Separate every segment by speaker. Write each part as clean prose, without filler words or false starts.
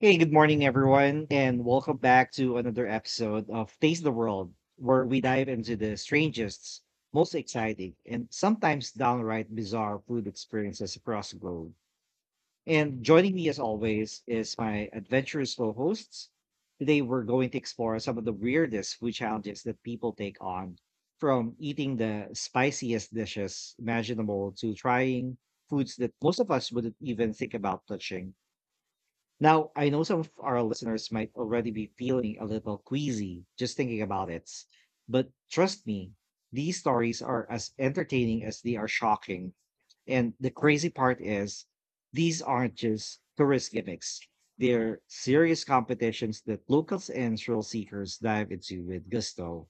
Speaker 1: Hey, good morning, everyone, and welcome back to another episode of Taste the World, where we dive into the strangest, most exciting, and sometimes downright bizarre food experiences across the globe. And joining me, as always, is my adventurous co hosts. Today, we're going to explore some of the weirdest food challenges that people take on, from eating the spiciest dishes imaginable to trying foods that most of us wouldn't even think about touching. Now, I know some of our listeners might already be feeling a little queasy just thinking about it, but trust me, these stories are as entertaining as they are shocking. And the crazy part is, these aren't just tourist gimmicks. They're serious competitions that locals and thrill seekers dive into with gusto.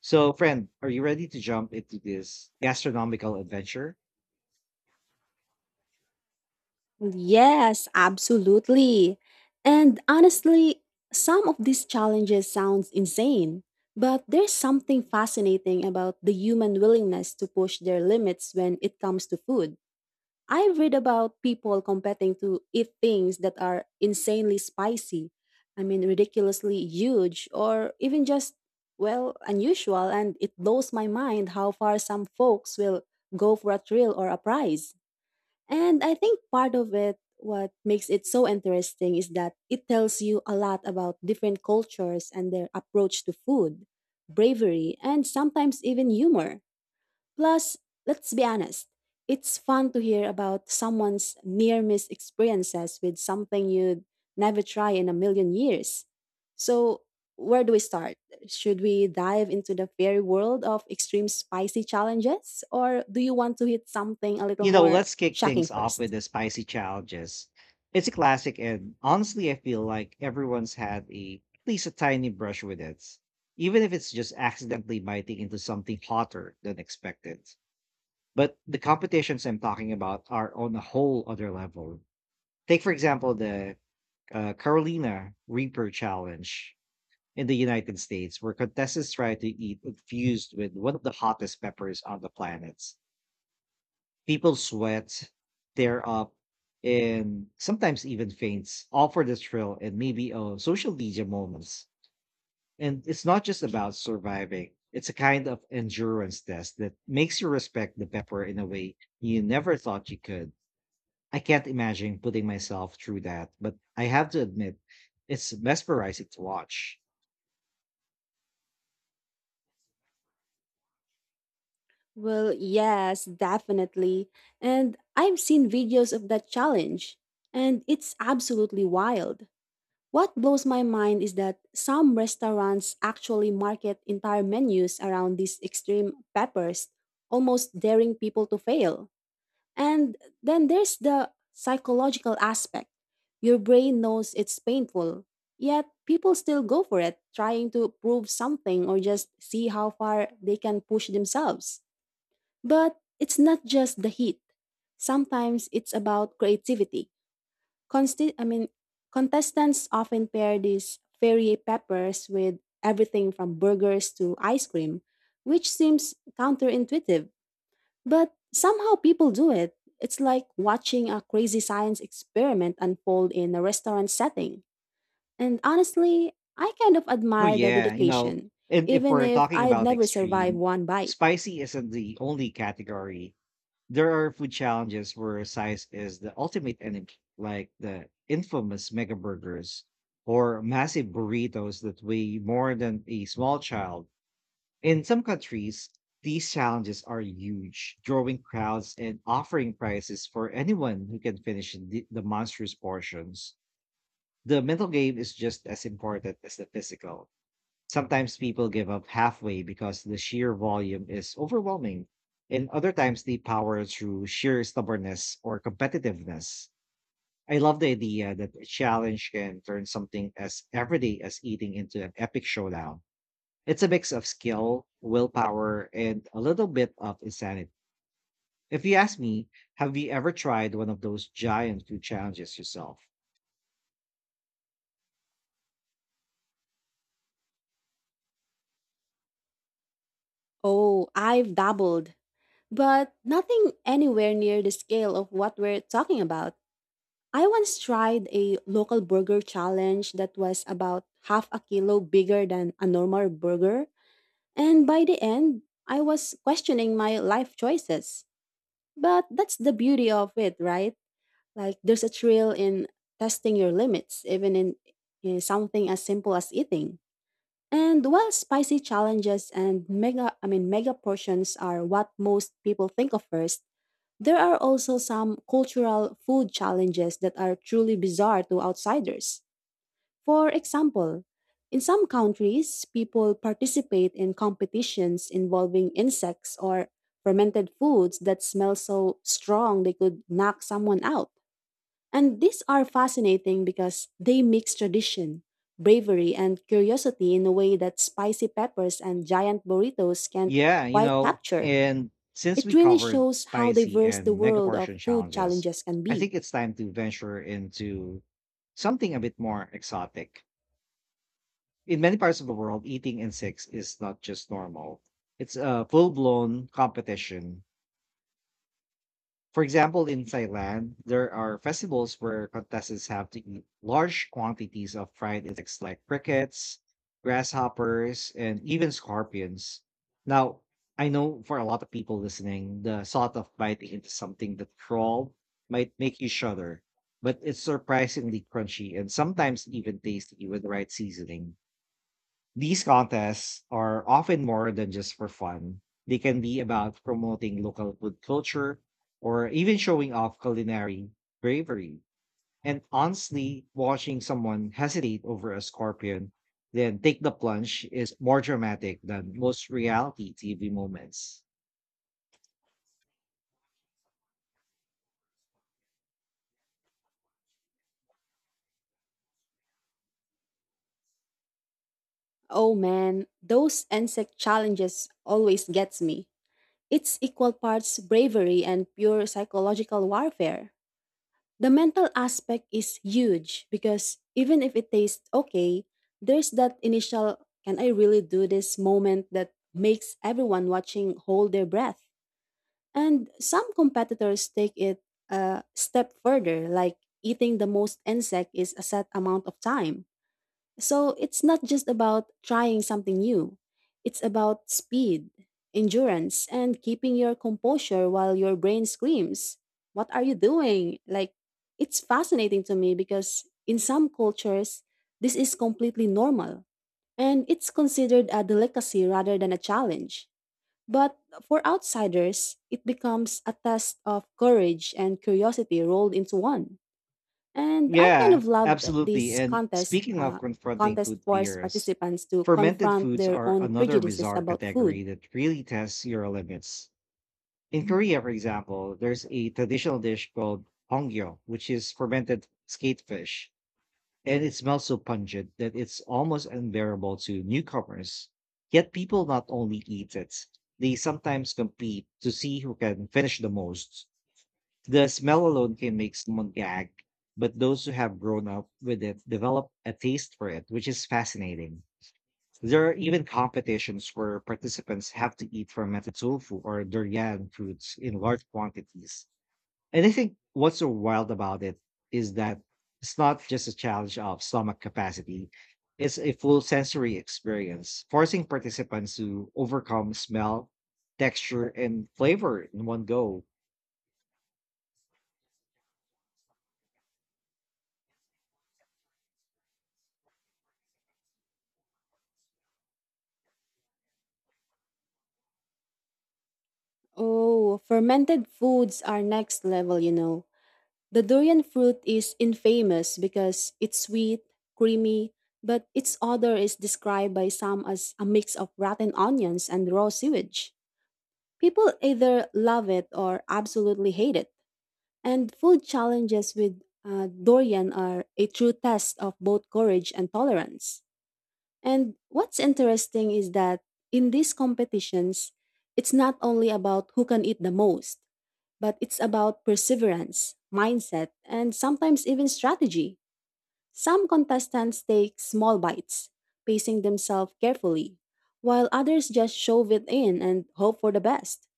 Speaker 1: So, friend, are you ready to jump into this gastronomical adventure?
Speaker 2: Yes, absolutely. And honestly, some of these challenges sounds insane, but there's something fascinating about the human willingness to push their limits when it comes to food. I read about people competing to eat things that are insanely spicy, I mean ridiculously huge or even just well, unusual and it blows my mind how far some folks will go for a thrill or a prize. And I think part of it, what makes it so interesting is that it tells you a lot about different cultures and their approach to food, bravery, and sometimes even humor. Plus, let's be honest, it's fun to hear about someone's near miss experiences with something you'd never try in a million years. So, where do we start? Should we dive into the fairy world of extreme spicy challenges, or do you want to hit something a little
Speaker 1: You know,
Speaker 2: more
Speaker 1: let's kick
Speaker 2: shocking
Speaker 1: things off with
Speaker 2: first?
Speaker 1: the spicy challenges. It's a classic, and honestly, I feel like everyone's had a at least a tiny brush with it, even if it's just accidentally biting into something hotter than expected. But the competitions I'm talking about are on a whole other level. Take, for example, the Carolina Reaper Challenge in the United States, where contestants try to eat infused with one of the hottest peppers on the planet. People sweat, tear up, and sometimes even faints, all for the thrill and maybe a social media moments. And it's not just about surviving, it's a kind of endurance test that makes you respect the pepper in a way you never thought you could. I can't imagine putting myself through that, but I have to admit, it's mesmerizing to watch.
Speaker 2: Well, yes, definitely. And I've seen videos of that challenge, and it's absolutely wild. What blows my mind is that some restaurants actually market entire menus around these extreme peppers, almost daring people to fail. And then there's the psychological aspect. Your brain knows it's painful, yet people still go for it, trying to prove something or just see how far they can push themselves. But it's not just the heat. Sometimes it's about creativity Consti- I mean, contestants often pair these fairy peppers with everything from burgers to ice cream, which seems counterintuitive, but somehow people do it. It's like watching a crazy science experiment unfold in a restaurant setting. And honestly, I kind of
Speaker 1: Oh,
Speaker 2: admire the
Speaker 1: yeah, you know,
Speaker 2: dedication,
Speaker 1: and if
Speaker 2: even
Speaker 1: we're
Speaker 2: if
Speaker 1: talking
Speaker 2: I'd
Speaker 1: about
Speaker 2: never survive
Speaker 1: extreme,
Speaker 2: one bite.
Speaker 1: spicy isn't the only category. There are food challenges where size is the ultimate enemy, like the infamous mega burgers or massive burritos that weigh more than a small child. In some countries, these challenges are huge, drawing crowds and offering prizes for anyone who can finish the monstrous portions. The mental game is just as important as the physical. Sometimes people give up halfway because the sheer volume is overwhelming, and other times they power through sheer stubbornness or competitiveness. I love the idea that a challenge can turn something as everyday as eating into an epic showdown. It's a mix of skill, willpower, and a little bit of insanity. If you ask me, have you ever tried one of those giant food challenges yourself?
Speaker 2: Oh, I've dabbled, but nothing anywhere near the scale of what we're talking about. I once tried a local burger challenge that was about half a kilo bigger than a normal burger, and by the end, I was questioning my life choices. But that's the beauty of it, right? Like there's a thrill in testing your limits, in something as simple as eating. And while spicy challenges and mega I mean mega portions are what most people think of first, there are also some cultural food challenges that are truly bizarre to outsiders. For example, in some countries, people participate in competitions involving insects or fermented foods that smell so strong they could knock someone out. And these are fascinating because they mix tradition, bravery, and curiosity in a way that spicy peppers and giant burritos can't
Speaker 1: Yeah, you
Speaker 2: quite
Speaker 1: know,
Speaker 2: capture.
Speaker 1: and since
Speaker 2: It
Speaker 1: we
Speaker 2: really
Speaker 1: covered
Speaker 2: shows how
Speaker 1: spicy
Speaker 2: diverse the
Speaker 1: and mega
Speaker 2: world of
Speaker 1: portion
Speaker 2: food
Speaker 1: challenges,
Speaker 2: challenges can
Speaker 1: I
Speaker 2: be.
Speaker 1: think it's time to venture into something a bit more exotic. In many parts of the world, eating insects is not just normal, it's a full blown competition. For example, in Thailand, there are festivals where contestants have to eat large quantities of fried insects like crickets, grasshoppers, and even scorpions. Now, I know for a lot of people listening, the thought of biting into something that crawled might make you shudder, but it's surprisingly crunchy and sometimes even tasty with the right seasoning. These contests are often more than just for fun. They can be about promoting local food culture or even showing off culinary bravery. And honestly, watching someone hesitate over a scorpion, then take the plunge is more dramatic than most reality TV moments.
Speaker 2: Oh man, those insect challenges always gets me. It's equal parts bravery and pure psychological warfare. The mental aspect is huge because even if it tastes okay, there's that initial can I really do this moment that makes everyone watching hold their breath. And some competitors take it a step further, like eating the most insect is a set amount of time. So it's not just about trying something new, it's about speed, endurance, and keeping your composure while your brain screams, what are you doing? Like, it's fascinating to me because in some cultures, this is completely normal and it's considered a delicacy rather than a challenge. But for outsiders, it becomes a test of courage and curiosity rolled into one. And I kind
Speaker 1: Yeah,
Speaker 2: of loved
Speaker 1: absolutely.
Speaker 2: this
Speaker 1: And
Speaker 2: contest.
Speaker 1: speaking of confronting
Speaker 2: Contest
Speaker 1: food
Speaker 2: forced
Speaker 1: fears,
Speaker 2: participants to
Speaker 1: fermented
Speaker 2: confront
Speaker 1: foods
Speaker 2: their
Speaker 1: are
Speaker 2: own
Speaker 1: another
Speaker 2: prejudices
Speaker 1: bizarre
Speaker 2: about
Speaker 1: category
Speaker 2: food.
Speaker 1: that really tests your limits. In Korea, for example, there's a traditional dish called hongyo, which is fermented skate fish, and it smells so pungent that it's almost unbearable to newcomers. Yet people not only eat it, they sometimes compete to see who can finish the most. The smell alone can make someone gag, but those who have grown up with it develop a taste for it, which is fascinating. There are even competitions where participants have to eat fermented tofu or durian fruits in large quantities. And I think what's so wild about it is that it's not just a challenge of stomach capacity, it's a full sensory experience, forcing participants to overcome smell, texture, and flavor in one go.
Speaker 2: Oh, fermented foods are next level, you know. The durian fruit is infamous because it's sweet, creamy, but its odor is described by some as a mix of rotten onions and raw sewage. People either love it or absolutely hate it. And food challenges with durian are a true test of both courage and tolerance. And what's interesting is that in these competitions, it's not only about who can eat the most, but it's about perseverance, mindset, and sometimes even strategy. Some contestants take small bites, pacing themselves carefully, while others just shove it in and hope for the best.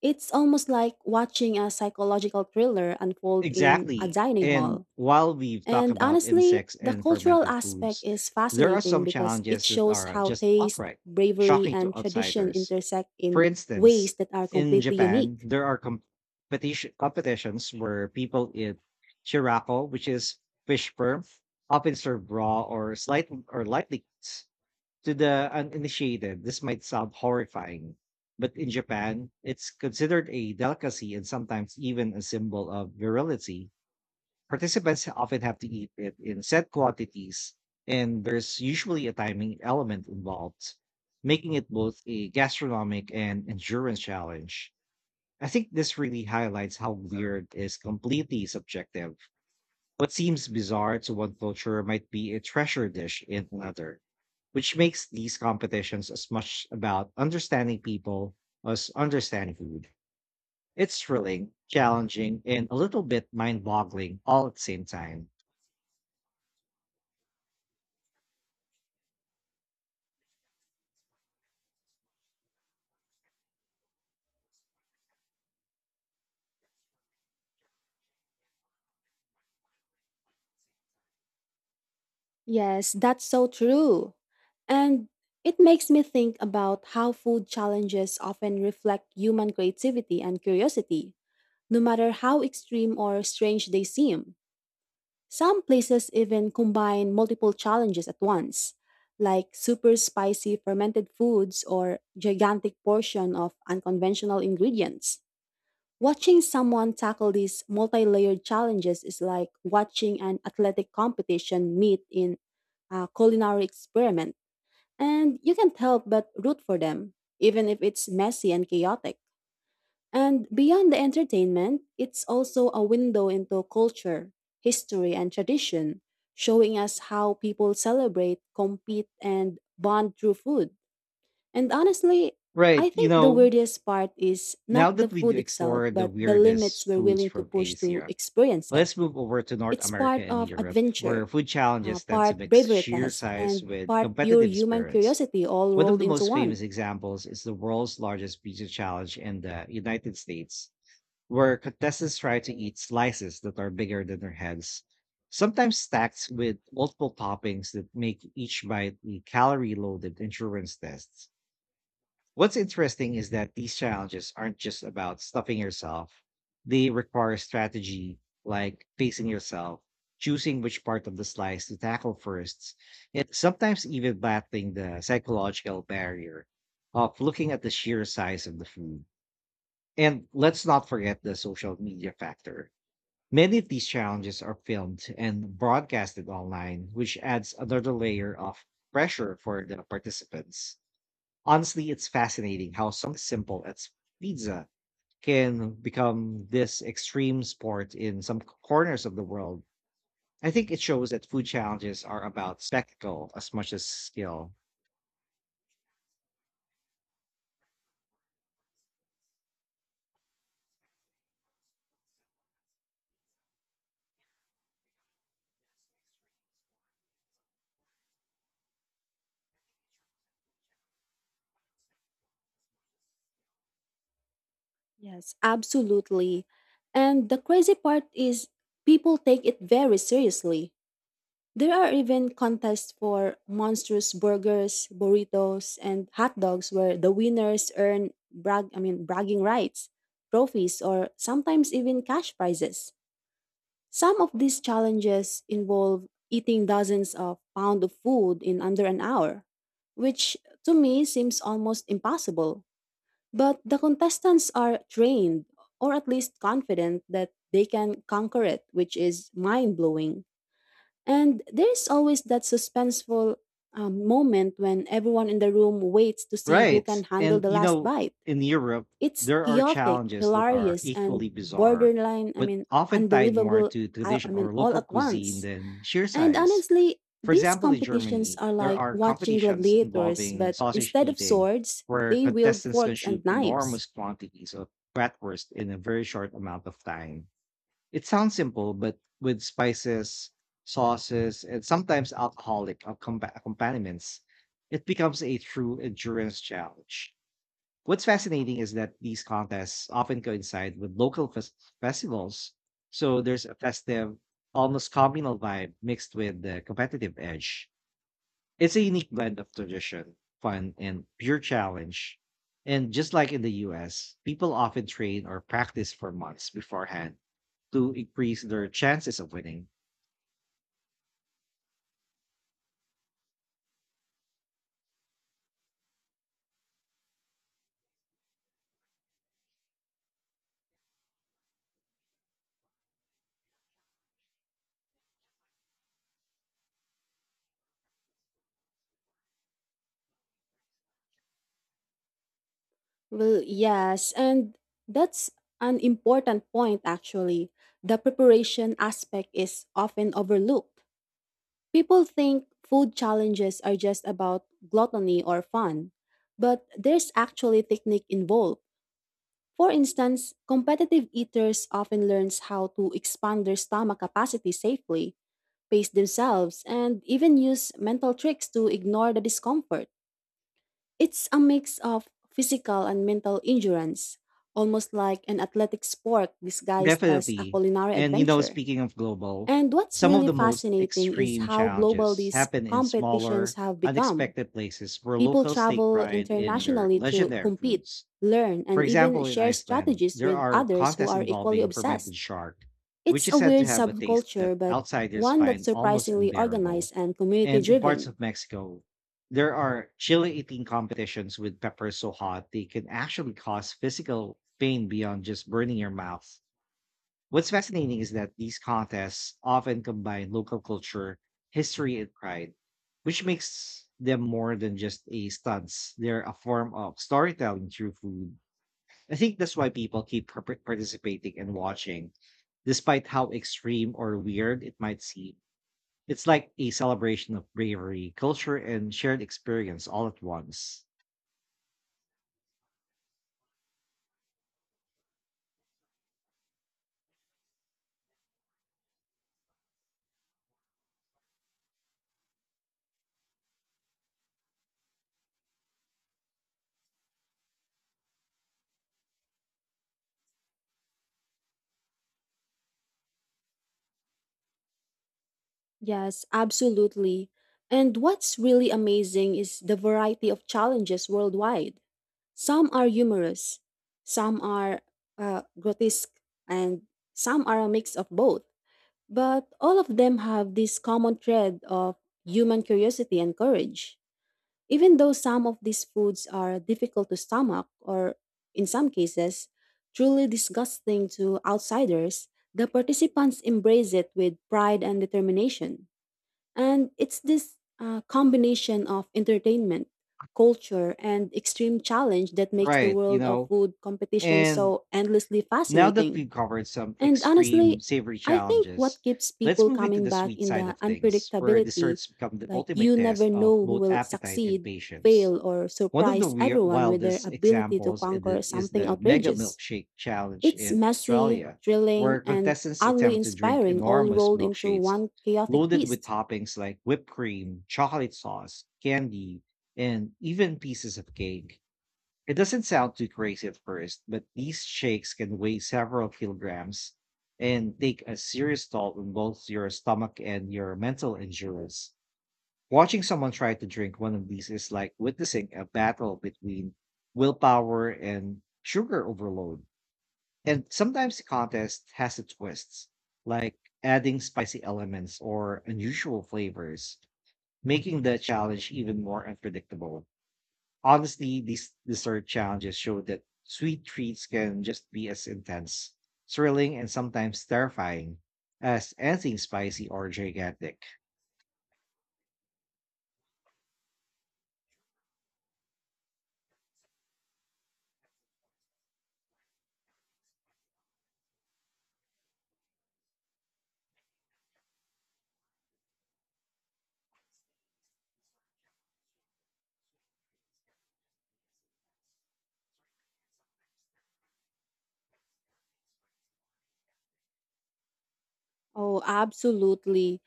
Speaker 2: It's almost like watching a psychological thriller unfold in a
Speaker 1: Exactly.
Speaker 2: dining
Speaker 1: And
Speaker 2: hall.
Speaker 1: while we've talked
Speaker 2: And
Speaker 1: about
Speaker 2: honestly,
Speaker 1: insects
Speaker 2: the
Speaker 1: and
Speaker 2: cultural
Speaker 1: fermented
Speaker 2: aspect
Speaker 1: foods,
Speaker 2: is
Speaker 1: there are
Speaker 2: fascinating
Speaker 1: some
Speaker 2: because it
Speaker 1: challenges that
Speaker 2: shows
Speaker 1: are
Speaker 2: how
Speaker 1: just
Speaker 2: taste,
Speaker 1: outright
Speaker 2: bravery,
Speaker 1: shocking to
Speaker 2: and tradition
Speaker 1: outsiders.
Speaker 2: intersect in
Speaker 1: For
Speaker 2: ways
Speaker 1: instance,
Speaker 2: that are
Speaker 1: in
Speaker 2: completely
Speaker 1: Japan,
Speaker 2: unique.
Speaker 1: there are competitions where people eat shirako, which is fish sperm, often served raw or slight or lightly cooked. To the uninitiated, this might sound horrifying, but in Japan, it's considered a delicacy and sometimes even a symbol of virility. Participants often have to eat it in set quantities, and there's usually a timing element involved, making it both a gastronomic and endurance challenge. I think this really highlights how weird is completely subjective. What seems bizarre to one culture might be a treasure dish in another, which makes these competitions as much about understanding people as understanding food. It's thrilling, challenging, and a little bit mind boggling all at the same time.
Speaker 2: Yes, that's so true. And it makes me think about how food challenges often reflect human creativity and curiosity, no matter how extreme or strange they seem. Some places even combine multiple challenges at once, like super spicy fermented foods or gigantic portion of unconventional ingredients. Watching someone tackle these multi-layered challenges is like watching an athletic competition meet in a culinary experiment, and you can't help but root for them, even if it's messy and chaotic. And beyond the entertainment, it's also a window into culture, history, and tradition, showing us how people celebrate, compete, and bond through food. And honestly,
Speaker 1: Right.
Speaker 2: I
Speaker 1: You
Speaker 2: think the
Speaker 1: know,
Speaker 2: weirdest part is
Speaker 1: now
Speaker 2: not the
Speaker 1: that we do
Speaker 2: food itself,
Speaker 1: explore the
Speaker 2: but the limits
Speaker 1: weirdest
Speaker 2: we're
Speaker 1: foods
Speaker 2: willing to
Speaker 1: from
Speaker 2: push to
Speaker 1: Asia,
Speaker 2: experience it.
Speaker 1: let's move over to North
Speaker 2: It's
Speaker 1: America
Speaker 2: part
Speaker 1: and
Speaker 2: of
Speaker 1: Europe, where
Speaker 2: adventure,
Speaker 1: food challenges tend to
Speaker 2: part
Speaker 1: mix
Speaker 2: bravery
Speaker 1: sheer
Speaker 2: test,
Speaker 1: size
Speaker 2: and
Speaker 1: with
Speaker 2: part pure
Speaker 1: competitive
Speaker 2: human
Speaker 1: spirits.
Speaker 2: curiosity all
Speaker 1: One of
Speaker 2: rolled
Speaker 1: the
Speaker 2: into
Speaker 1: most famous
Speaker 2: one.
Speaker 1: examples is the world's largest pizza challenge in the United States, where contestants try to eat slices that are bigger than their heads, sometimes stacked with multiple toppings that make each bite a calorie loaded endurance test. What's interesting is that these challenges aren't just about stuffing yourself. They require strategy, like facing yourself, choosing which part of the slice to tackle first, and sometimes even battling the psychological barrier of looking at the sheer size of the food. And let's not forget the social media factor. Many of these challenges are filmed and broadcasted online, which adds another layer of pressure for the participants. Honestly, it's fascinating how something simple as pizza can become this extreme sport in some corners of the world. I think it shows that food challenges are about spectacle as much as skill.
Speaker 2: Yes, absolutely. And the crazy part is people take it very seriously. There are even contests for monstrous burgers, burritos, and hot dogs where the winners earn bragging rights, trophies, or sometimes even cash prizes. Some of these challenges involve eating dozens of pounds of food in under an hour, which to me seems almost impossible. But the contestants are trained, or at least confident, that they can conquer it, which is mind blowing. And there's always that suspenseful moment when everyone in the room waits to see who
Speaker 1: Right.
Speaker 2: can handle
Speaker 1: And,
Speaker 2: the
Speaker 1: you
Speaker 2: last
Speaker 1: know,
Speaker 2: bite.
Speaker 1: in Europe,
Speaker 2: It's
Speaker 1: there are
Speaker 2: chaotic,
Speaker 1: challenges that are
Speaker 2: hilarious, and
Speaker 1: equally bizarre,
Speaker 2: borderline, I
Speaker 1: but
Speaker 2: mean,
Speaker 1: often tied more
Speaker 2: unbelievable,
Speaker 1: to
Speaker 2: I I
Speaker 1: tradition
Speaker 2: mean,
Speaker 1: or
Speaker 2: all
Speaker 1: local
Speaker 2: at
Speaker 1: cuisine
Speaker 2: once.
Speaker 1: than sheer
Speaker 2: And
Speaker 1: size.
Speaker 2: honestly,
Speaker 1: For
Speaker 2: these
Speaker 1: example, in
Speaker 2: competitions
Speaker 1: Germany,
Speaker 2: are
Speaker 1: there
Speaker 2: like
Speaker 1: are
Speaker 2: watching
Speaker 1: competitions
Speaker 2: gladiators,
Speaker 1: involving
Speaker 2: but
Speaker 1: sausage
Speaker 2: instead of
Speaker 1: eating
Speaker 2: swords,
Speaker 1: where
Speaker 2: they wield
Speaker 1: contestants
Speaker 2: forks
Speaker 1: consume
Speaker 2: and knives.
Speaker 1: enormous quantities of bratwurst in a very short amount of time. It sounds simple, but with spices, sauces, and sometimes alcoholic accompaniments, it becomes a true endurance challenge. What's fascinating is that these contests often coincide with local festivals, so there's a festive, almost communal vibe mixed with the competitive edge. It's a unique blend of tradition, fun, and pure challenge. And just like in the US, people often train or practice for months beforehand to increase their chances of winning.
Speaker 2: Well, yes, and that's an important point actually. The preparation aspect is often overlooked. People think food challenges are just about gluttony or fun, but there's actually technique involved. For instance, competitive eaters often learns how to expand their stomach capacity safely, pace themselves, and even use mental tricks to ignore the discomfort. It's a mix of physical and mental endurance, almost like an athletic sport disguised as a
Speaker 1: Definitely.
Speaker 2: culinary
Speaker 1: And you know,
Speaker 2: adventure.
Speaker 1: speaking of global,
Speaker 2: And what's
Speaker 1: some of
Speaker 2: really
Speaker 1: the most
Speaker 2: fascinating
Speaker 1: extreme
Speaker 2: is how global
Speaker 1: challenges
Speaker 2: these
Speaker 1: happen in
Speaker 2: competitions
Speaker 1: smaller,
Speaker 2: have become.
Speaker 1: unexpected places where
Speaker 2: People
Speaker 1: locals take
Speaker 2: travel
Speaker 1: pride in their
Speaker 2: internationally to
Speaker 1: legendary
Speaker 2: compete,
Speaker 1: foods.
Speaker 2: learn,
Speaker 1: For
Speaker 2: and even
Speaker 1: example, in
Speaker 2: share
Speaker 1: Iceland,
Speaker 2: strategies
Speaker 1: there
Speaker 2: with
Speaker 1: are
Speaker 2: others who
Speaker 1: contests
Speaker 2: are equally
Speaker 1: involving fermented
Speaker 2: obsessed.
Speaker 1: shark, which
Speaker 2: It's
Speaker 1: is
Speaker 2: a
Speaker 1: said to
Speaker 2: weird
Speaker 1: have a taste that
Speaker 2: subculture, but
Speaker 1: outsiders
Speaker 2: one that's
Speaker 1: find almost
Speaker 2: surprisingly
Speaker 1: unbearable.
Speaker 2: organized and community
Speaker 1: And in parts
Speaker 2: driven.
Speaker 1: of Mexico, there are chili eating competitions with peppers so hot they can actually cause physical pain beyond just burning your mouth. What's fascinating is that these contests often combine local culture, history, and pride, which makes them more than just a stunts. They're a form of storytelling through food. I think that's why people keep participating and watching, despite how extreme or weird it might seem. It's like a celebration of bravery, culture, and shared experience all at once.
Speaker 2: Yes, absolutely. And what's really amazing is the variety of challenges worldwide. Some are humorous, some are grotesque, and some are a mix of both. But all of them have this common thread of human curiosity and courage. Even though some of these foods are difficult to stomach, or in some cases, truly disgusting to outsiders, the participants embrace it with pride and determination. And it's this combination of entertainment, culture, and extreme challenge that makes the
Speaker 1: Right, you
Speaker 2: world of
Speaker 1: know?
Speaker 2: food competition
Speaker 1: And
Speaker 2: so endlessly
Speaker 1: now that
Speaker 2: fascinating.
Speaker 1: we've covered some
Speaker 2: And
Speaker 1: extreme
Speaker 2: honestly,
Speaker 1: savory
Speaker 2: I think
Speaker 1: challenges,
Speaker 2: what keeps
Speaker 1: let's
Speaker 2: people
Speaker 1: move into
Speaker 2: coming
Speaker 1: the
Speaker 2: back
Speaker 1: sweet
Speaker 2: in
Speaker 1: side
Speaker 2: the
Speaker 1: of things, where
Speaker 2: unpredictability,
Speaker 1: desserts become the
Speaker 2: like
Speaker 1: ultimate
Speaker 2: you
Speaker 1: test
Speaker 2: never
Speaker 1: of
Speaker 2: know who
Speaker 1: both
Speaker 2: will
Speaker 1: appetite and
Speaker 2: succeed,
Speaker 1: patience.
Speaker 2: fail, or
Speaker 1: One of the
Speaker 2: surprise
Speaker 1: weir
Speaker 2: everyone with their
Speaker 1: wildest
Speaker 2: ability to
Speaker 1: examples
Speaker 2: conquer
Speaker 1: is
Speaker 2: something
Speaker 1: the Mega
Speaker 2: outrageous.
Speaker 1: Milkshake Challenge
Speaker 2: It's
Speaker 1: in
Speaker 2: messy,
Speaker 1: Australia,
Speaker 2: thrilling,
Speaker 1: where
Speaker 2: and
Speaker 1: contestants
Speaker 2: oddly
Speaker 1: attempt to drink
Speaker 2: inspiring, all
Speaker 1: enormous
Speaker 2: rolled into
Speaker 1: milkshakes
Speaker 2: one chaotic
Speaker 1: loaded with
Speaker 2: feast.
Speaker 1: toppings like whipped cream, chocolate sauce, candy, and even pieces of cake. It doesn't sound too crazy at first, but these shakes can weigh several kilograms and take a serious toll on both your stomach and your mental endurance. Watching someone try to drink one of these is like witnessing a battle between willpower and sugar overload. And sometimes the contest has its twists, like adding spicy elements or unusual flavors, making the challenge even more unpredictable. Honestly, these dessert challenges show that sweet treats can just be as intense, thrilling, and sometimes terrifying as anything spicy or gigantic.
Speaker 2: Oh, absolutely.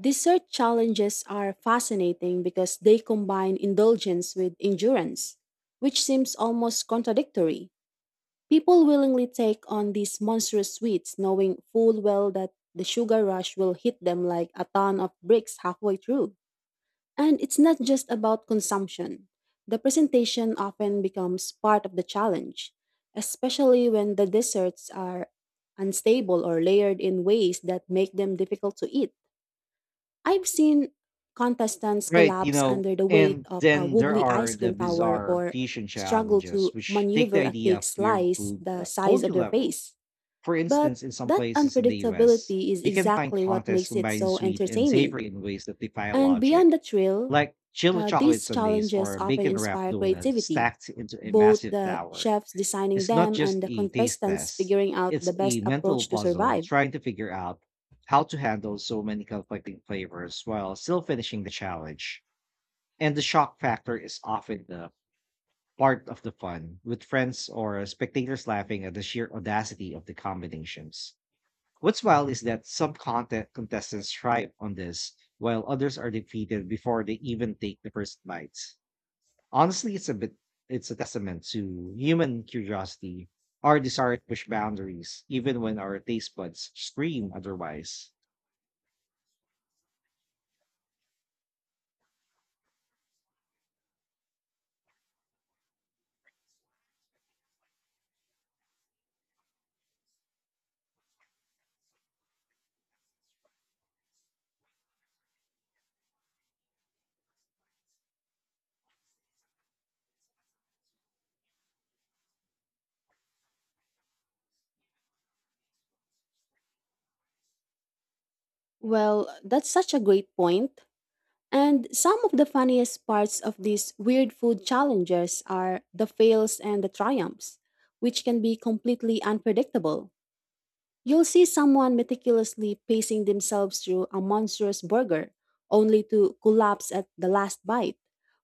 Speaker 2: Dessert challenges are fascinating because they combine indulgence with endurance, which seems almost contradictory. People willingly take on these monstrous sweets knowing full well that the sugar rush will hit them like a ton of bricks halfway through. And it's not just about consumption. The presentation often becomes part of the challenge, especially when the desserts are unstable or layered in ways that make them difficult to eat. I've seen contestants
Speaker 1: Right, you
Speaker 2: collapse
Speaker 1: know,
Speaker 2: under the weight
Speaker 1: and
Speaker 2: of a
Speaker 1: then there
Speaker 2: wobbly
Speaker 1: are
Speaker 2: ice
Speaker 1: the
Speaker 2: cream tower
Speaker 1: bizarre
Speaker 2: or
Speaker 1: fusion
Speaker 2: struggle
Speaker 1: challenges,
Speaker 2: to
Speaker 1: which take the
Speaker 2: maneuver a
Speaker 1: idea
Speaker 2: cake
Speaker 1: of weird
Speaker 2: slice
Speaker 1: food
Speaker 2: the size
Speaker 1: hold
Speaker 2: of
Speaker 1: you
Speaker 2: their
Speaker 1: level.
Speaker 2: face.
Speaker 1: For
Speaker 2: But
Speaker 1: instance, in some
Speaker 2: that
Speaker 1: places in the US,
Speaker 2: unpredictability is
Speaker 1: you can find
Speaker 2: exactly what
Speaker 1: contests
Speaker 2: makes it
Speaker 1: combining
Speaker 2: so
Speaker 1: sweet and
Speaker 2: entertaining.
Speaker 1: savory in ways that defy
Speaker 2: And beyond
Speaker 1: logic,
Speaker 2: the thrill,
Speaker 1: like chili chocolate
Speaker 2: these
Speaker 1: sundaes
Speaker 2: challenges
Speaker 1: or
Speaker 2: often
Speaker 1: bacon wrapped
Speaker 2: inspire
Speaker 1: donuts
Speaker 2: creativity,
Speaker 1: stacked into a
Speaker 2: both
Speaker 1: massive
Speaker 2: the
Speaker 1: tower.
Speaker 2: chefs designing
Speaker 1: It's not
Speaker 2: them
Speaker 1: just
Speaker 2: and the
Speaker 1: a taste
Speaker 2: contestants
Speaker 1: test,
Speaker 2: figuring out
Speaker 1: it's
Speaker 2: the
Speaker 1: a
Speaker 2: best
Speaker 1: mental
Speaker 2: approach to
Speaker 1: puzzle
Speaker 2: survive.
Speaker 1: trying to figure out how to handle so many conflicting flavors while still finishing the challenge. And the shock factor is often the part of the fun, with friends or spectators laughing at the sheer audacity of the combinations. What's wild is that some content contestants thrive on this, while others are defeated before they even take the first bites. Honestly, it's a testament to human curiosity, our desire to push boundaries, even when our taste buds scream otherwise.
Speaker 2: Well, that's such a great point. And some of the funniest parts of these weird food challenges are the fails and the triumphs, which can be completely unpredictable. You'll see someone meticulously pacing themselves through a monstrous burger, only to collapse at the last bite,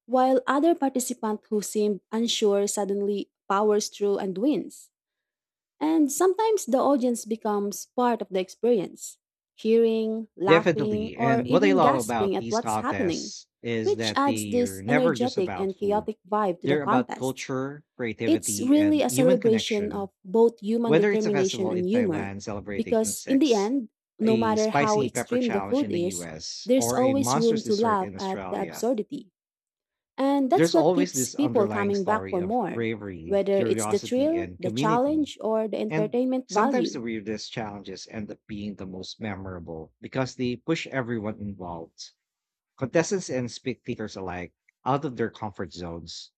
Speaker 2: while other participant who seemed unsure suddenly powers through and wins. And sometimes the audience becomes part of the experience, cheering, laughing,
Speaker 1: Definitely.
Speaker 2: or
Speaker 1: And what I
Speaker 2: even
Speaker 1: love
Speaker 2: gasping
Speaker 1: about
Speaker 2: at
Speaker 1: these
Speaker 2: what's happening,
Speaker 1: contests is
Speaker 2: which
Speaker 1: that
Speaker 2: adds
Speaker 1: they're
Speaker 2: this
Speaker 1: never just
Speaker 2: energetic
Speaker 1: about
Speaker 2: and
Speaker 1: food.
Speaker 2: chaotic vibe to the
Speaker 1: They're about
Speaker 2: contest.
Speaker 1: culture,
Speaker 2: It's
Speaker 1: creativity, and
Speaker 2: really a
Speaker 1: human
Speaker 2: celebration
Speaker 1: connection.
Speaker 2: of both human
Speaker 1: Whether it's a
Speaker 2: determination
Speaker 1: festival
Speaker 2: and
Speaker 1: in
Speaker 2: humor,
Speaker 1: Thailand celebrating
Speaker 2: because in the
Speaker 1: insects,
Speaker 2: end, no
Speaker 1: a
Speaker 2: matter how
Speaker 1: spicy pepper
Speaker 2: extreme the
Speaker 1: challenge
Speaker 2: food
Speaker 1: in the
Speaker 2: is,
Speaker 1: US,
Speaker 2: there's
Speaker 1: or a
Speaker 2: always room
Speaker 1: monstrous
Speaker 2: to
Speaker 1: dessert
Speaker 2: laugh
Speaker 1: in
Speaker 2: at the
Speaker 1: Australia,
Speaker 2: absurdity. And that's
Speaker 1: there's
Speaker 2: what
Speaker 1: always
Speaker 2: keeps
Speaker 1: this
Speaker 2: people
Speaker 1: underlying
Speaker 2: coming back
Speaker 1: story
Speaker 2: for
Speaker 1: of
Speaker 2: more,
Speaker 1: bravery,
Speaker 2: whether it's the
Speaker 1: curiosity,
Speaker 2: thrill,
Speaker 1: and
Speaker 2: the
Speaker 1: community.
Speaker 2: challenge, or the
Speaker 1: And
Speaker 2: entertainment
Speaker 1: sometimes the
Speaker 2: value.
Speaker 1: weirdest challenges end up being the most memorable because they push everyone involved. Contestants and spectators alike out of their comfort zones.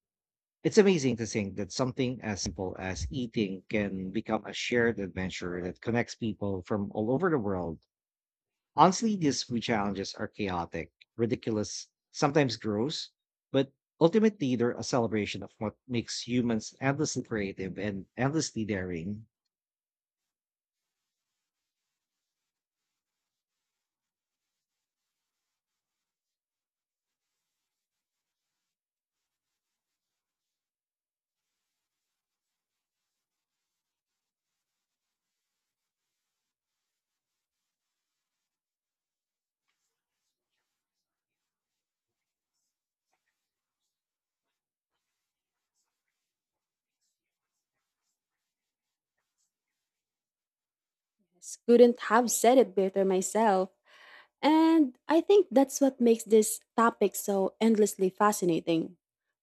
Speaker 1: It's amazing to think that something as simple as eating can become a shared adventure that connects people from all over the world. Honestly, these food challenges are chaotic, ridiculous, sometimes gross, but ultimately they're a celebration of what makes humans endlessly creative and endlessly daring.
Speaker 2: Yes, couldn't have said it better myself. And I think that's what makes this topic so endlessly fascinating.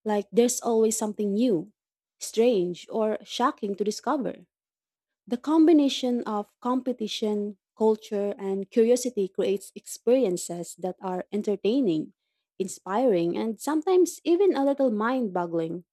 Speaker 2: Like, there's always something new, strange, or shocking to discover. The combination of competition, culture, and curiosity creates experiences that are entertaining, inspiring, and sometimes even a little mind boggling.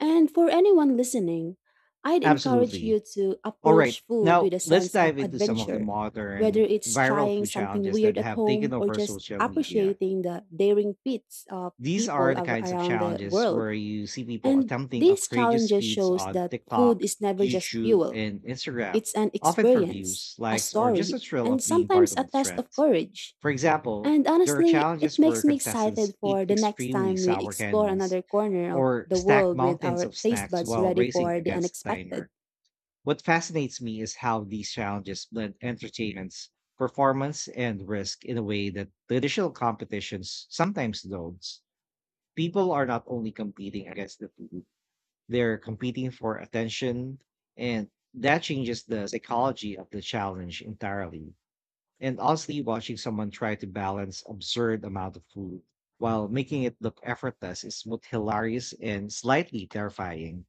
Speaker 2: And for anyone listening, I'd encourage
Speaker 1: Absolutely.
Speaker 2: you to
Speaker 1: All right.
Speaker 2: approach food
Speaker 1: Now,
Speaker 2: with a
Speaker 1: let's
Speaker 2: sense of
Speaker 1: dive into some of the
Speaker 2: adventure, whether
Speaker 1: modern
Speaker 2: it's
Speaker 1: viral
Speaker 2: trying
Speaker 1: food
Speaker 2: something
Speaker 1: challenges that
Speaker 2: weird at
Speaker 1: have taken
Speaker 2: home or
Speaker 1: over
Speaker 2: just
Speaker 1: social media.
Speaker 2: appreciating the daring feats of
Speaker 1: These are
Speaker 2: people
Speaker 1: the kinds of
Speaker 2: around the
Speaker 1: challenges
Speaker 2: world.
Speaker 1: where you see people
Speaker 2: And
Speaker 1: attempting
Speaker 2: these
Speaker 1: outrageous
Speaker 2: challenges
Speaker 1: feats
Speaker 2: shows
Speaker 1: on
Speaker 2: that food
Speaker 1: TikTok,
Speaker 2: is never just
Speaker 1: YouTube,
Speaker 2: fuel.
Speaker 1: and Instagram,
Speaker 2: It's an
Speaker 1: often for
Speaker 2: experience,
Speaker 1: views,
Speaker 2: a
Speaker 1: likes, or just a
Speaker 2: story,
Speaker 1: thrill
Speaker 2: and
Speaker 1: of being part
Speaker 2: sometimes a
Speaker 1: of the
Speaker 2: test
Speaker 1: trend.
Speaker 2: of courage.
Speaker 1: For example,
Speaker 2: And
Speaker 1: there are
Speaker 2: honestly, it
Speaker 1: challenges where
Speaker 2: makes me excited
Speaker 1: contestants eat
Speaker 2: for the next
Speaker 1: extremely
Speaker 2: time we
Speaker 1: sour
Speaker 2: explore
Speaker 1: candies
Speaker 2: another corner of
Speaker 1: or
Speaker 2: the
Speaker 1: stack
Speaker 2: world with
Speaker 1: mountains
Speaker 2: our
Speaker 1: of
Speaker 2: taste
Speaker 1: snacks
Speaker 2: buds
Speaker 1: while
Speaker 2: ready
Speaker 1: racing
Speaker 2: for the
Speaker 1: against a
Speaker 2: unexpected.
Speaker 1: timer. What fascinates me is how these challenges blend entertainment, performance, and risk in a way that traditional competitions sometimes don't. People are not only competing against the food, they're competing for attention. And that changes the psychology of the challenge entirely. And honestly, watching someone try to balance absurd amount of food while making it look effortless is both hilarious and slightly terrifying.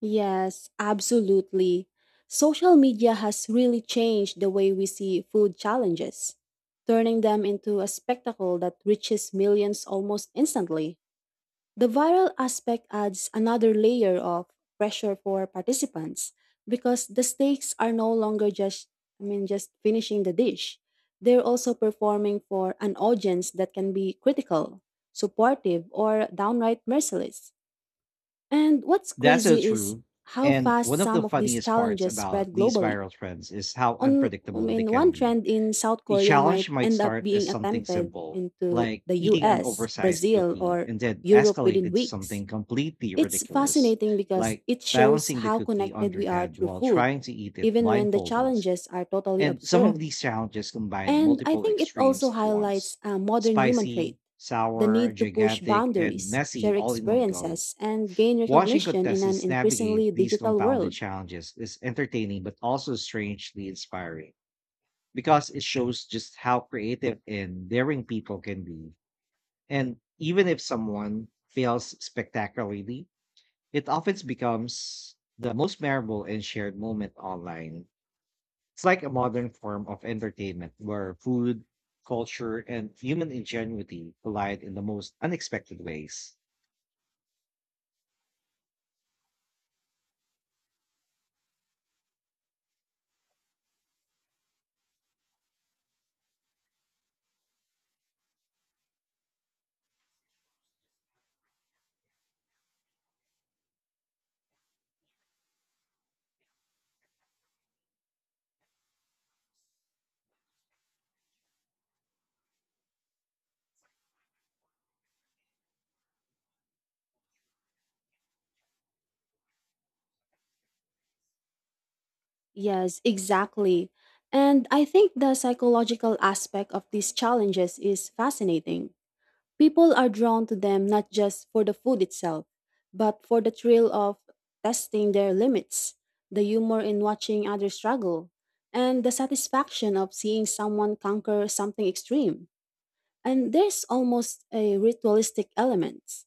Speaker 2: Yes, absolutely. Social media has really changed the way we see food challenges, turning them into a spectacle that reaches millions almost instantly. The viral aspect adds another layer of pressure for participants because the stakes are no longer just I mean just finishing the dish. They're also performing for an audience that can be critical, supportive, or downright merciless. And what's
Speaker 1: That's so
Speaker 2: crazy is
Speaker 1: true.
Speaker 2: how
Speaker 1: And
Speaker 2: fast
Speaker 1: one of the
Speaker 2: some of these
Speaker 1: funniest parts
Speaker 2: challenges
Speaker 1: about
Speaker 2: spread
Speaker 1: these
Speaker 2: globally.
Speaker 1: viral trends is how
Speaker 2: On I
Speaker 1: unpredictable they
Speaker 2: mean
Speaker 1: can
Speaker 2: one
Speaker 1: be.
Speaker 2: trend in South
Speaker 1: A
Speaker 2: Korea
Speaker 1: challenge
Speaker 2: might
Speaker 1: might
Speaker 2: end up
Speaker 1: start as
Speaker 2: being
Speaker 1: something
Speaker 2: attempted
Speaker 1: simple,
Speaker 2: into
Speaker 1: like
Speaker 2: the
Speaker 1: eating an
Speaker 2: US,
Speaker 1: oversized
Speaker 2: Brazil,
Speaker 1: cookie,
Speaker 2: or
Speaker 1: and then
Speaker 2: Europe
Speaker 1: escalate
Speaker 2: within
Speaker 1: into
Speaker 2: weeks.
Speaker 1: something completely
Speaker 2: It's
Speaker 1: ridiculous,
Speaker 2: fascinating because
Speaker 1: like
Speaker 2: it shows
Speaker 1: balancing the
Speaker 2: how
Speaker 1: cookie on
Speaker 2: connected
Speaker 1: your
Speaker 2: we are
Speaker 1: head
Speaker 2: through
Speaker 1: while
Speaker 2: food,
Speaker 1: trying to eat it
Speaker 2: even when the
Speaker 1: blindfolded.
Speaker 2: challenges are totally
Speaker 1: And some of
Speaker 2: absurd.
Speaker 1: these challenges combine
Speaker 2: And I
Speaker 1: multiple
Speaker 2: think it
Speaker 1: extremes
Speaker 2: also
Speaker 1: at once:
Speaker 2: highlights a modern human
Speaker 1: spicy,
Speaker 2: trait, the
Speaker 1: sour,
Speaker 2: need to push
Speaker 1: gigantic, and
Speaker 2: boundaries,
Speaker 1: messy
Speaker 2: share
Speaker 1: all in one go.
Speaker 2: experiences, and gain
Speaker 1: Watching
Speaker 2: recognition in an
Speaker 1: contestants navigate
Speaker 2: increasingly
Speaker 1: these
Speaker 2: digital
Speaker 1: compounded
Speaker 2: world.
Speaker 1: challenges is entertaining but also strangely inspiring because it shows just how creative and daring people can be. And even if someone fails spectacularly, it often becomes the most memorable and shared moment online. It's like a modern form of entertainment where food, culture, and human ingenuity collide in the most unexpected ways.
Speaker 2: Yes, exactly. And I think the psychological aspect of these challenges is fascinating. People are drawn to them not just for the food itself, but for the thrill of testing their limits, the humor in watching others struggle, and the satisfaction of seeing someone conquer something extreme. And there's almost a ritualistic element,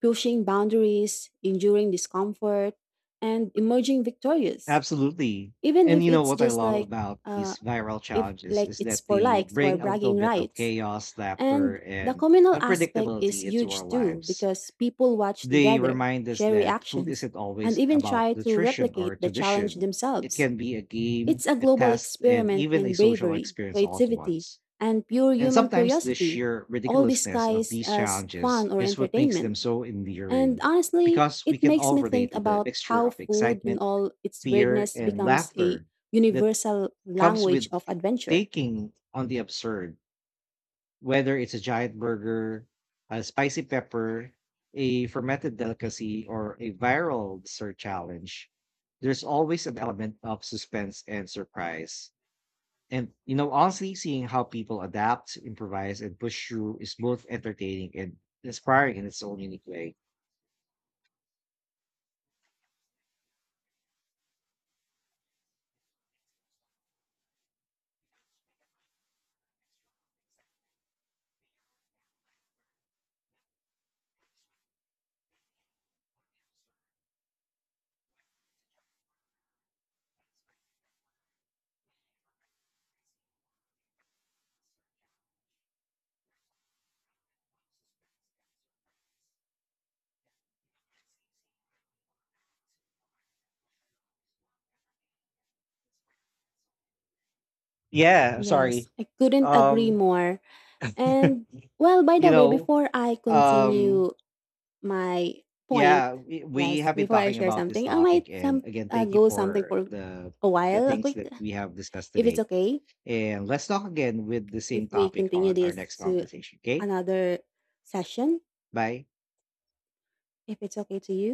Speaker 2: pushing boundaries, enduring discomfort, and emerging victorious,
Speaker 1: Absolutely.
Speaker 2: even
Speaker 1: And
Speaker 2: if
Speaker 1: you know
Speaker 2: it's
Speaker 1: what I
Speaker 2: just
Speaker 1: love
Speaker 2: like,
Speaker 1: about
Speaker 2: uh,
Speaker 1: these viral
Speaker 2: if
Speaker 1: challenges
Speaker 2: like
Speaker 1: is
Speaker 2: it's
Speaker 1: that
Speaker 2: for
Speaker 1: they
Speaker 2: likes or
Speaker 1: bring a little
Speaker 2: bragging
Speaker 1: bit of
Speaker 2: rights.
Speaker 1: chaos, laughter,
Speaker 2: And the
Speaker 1: and
Speaker 2: communal aspect is
Speaker 1: unpredictability into our
Speaker 2: huge too
Speaker 1: lives.
Speaker 2: because people watch
Speaker 1: They
Speaker 2: together,
Speaker 1: remind us
Speaker 2: share
Speaker 1: that food
Speaker 2: reactions,
Speaker 1: isn't
Speaker 2: and
Speaker 1: always
Speaker 2: even
Speaker 1: about
Speaker 2: try to
Speaker 1: nutrition or
Speaker 2: replicate the challenge
Speaker 1: tradition. It
Speaker 2: themselves.
Speaker 1: can be a game,
Speaker 2: It's a
Speaker 1: a
Speaker 2: global
Speaker 1: test, and
Speaker 2: experiment
Speaker 1: even a
Speaker 2: in
Speaker 1: social
Speaker 2: bravery,
Speaker 1: experience all at
Speaker 2: creativity,
Speaker 1: once.
Speaker 2: and pure
Speaker 1: And
Speaker 2: human
Speaker 1: sometimes the
Speaker 2: curiosity,
Speaker 1: sheer
Speaker 2: all
Speaker 1: ridiculousness of
Speaker 2: disguised
Speaker 1: these
Speaker 2: as
Speaker 1: challenges
Speaker 2: fun or
Speaker 1: is what makes them
Speaker 2: entertainment.
Speaker 1: so
Speaker 2: And
Speaker 1: endearing
Speaker 2: honestly,
Speaker 1: because we
Speaker 2: it
Speaker 1: can
Speaker 2: makes
Speaker 1: all
Speaker 2: me
Speaker 1: relate
Speaker 2: think
Speaker 1: to the
Speaker 2: about
Speaker 1: mixture
Speaker 2: how
Speaker 1: of
Speaker 2: food, in
Speaker 1: excitement,
Speaker 2: all its
Speaker 1: fear,
Speaker 2: weirdness,
Speaker 1: and
Speaker 2: becomes a
Speaker 1: laughter that
Speaker 2: universal
Speaker 1: comes
Speaker 2: language
Speaker 1: with
Speaker 2: of adventure.
Speaker 1: taking on the absurd, whether it's a giant burger, a spicy pepper, a fermented delicacy, or a viral dessert challenge. There's always an element of suspense and surprise. And you know, honestly, seeing how people adapt, improvise, and push through is both entertaining and inspiring in its own unique way. Yeah, sorry.
Speaker 2: Yes, I couldn't agree
Speaker 1: Um,
Speaker 2: more. And well, by
Speaker 1: you
Speaker 2: the way,
Speaker 1: know,
Speaker 2: before I
Speaker 1: um
Speaker 2: continue my point,
Speaker 1: Yeah, we
Speaker 2: yes,
Speaker 1: have been
Speaker 2: before I
Speaker 1: talking
Speaker 2: share
Speaker 1: about this
Speaker 2: something, I might
Speaker 1: topic, and
Speaker 2: some
Speaker 1: again, thank you
Speaker 2: go something
Speaker 1: for
Speaker 2: for
Speaker 1: the
Speaker 2: a while, a
Speaker 1: things
Speaker 2: quick,
Speaker 1: that we have discussed
Speaker 2: if
Speaker 1: today.
Speaker 2: it's okay,
Speaker 1: And let's talk again with the
Speaker 2: if
Speaker 1: same
Speaker 2: we
Speaker 1: topic
Speaker 2: continue
Speaker 1: on our
Speaker 2: this
Speaker 1: next
Speaker 2: to
Speaker 1: conversation. Okay,
Speaker 2: another session,
Speaker 1: bye.
Speaker 2: if it's okay to you.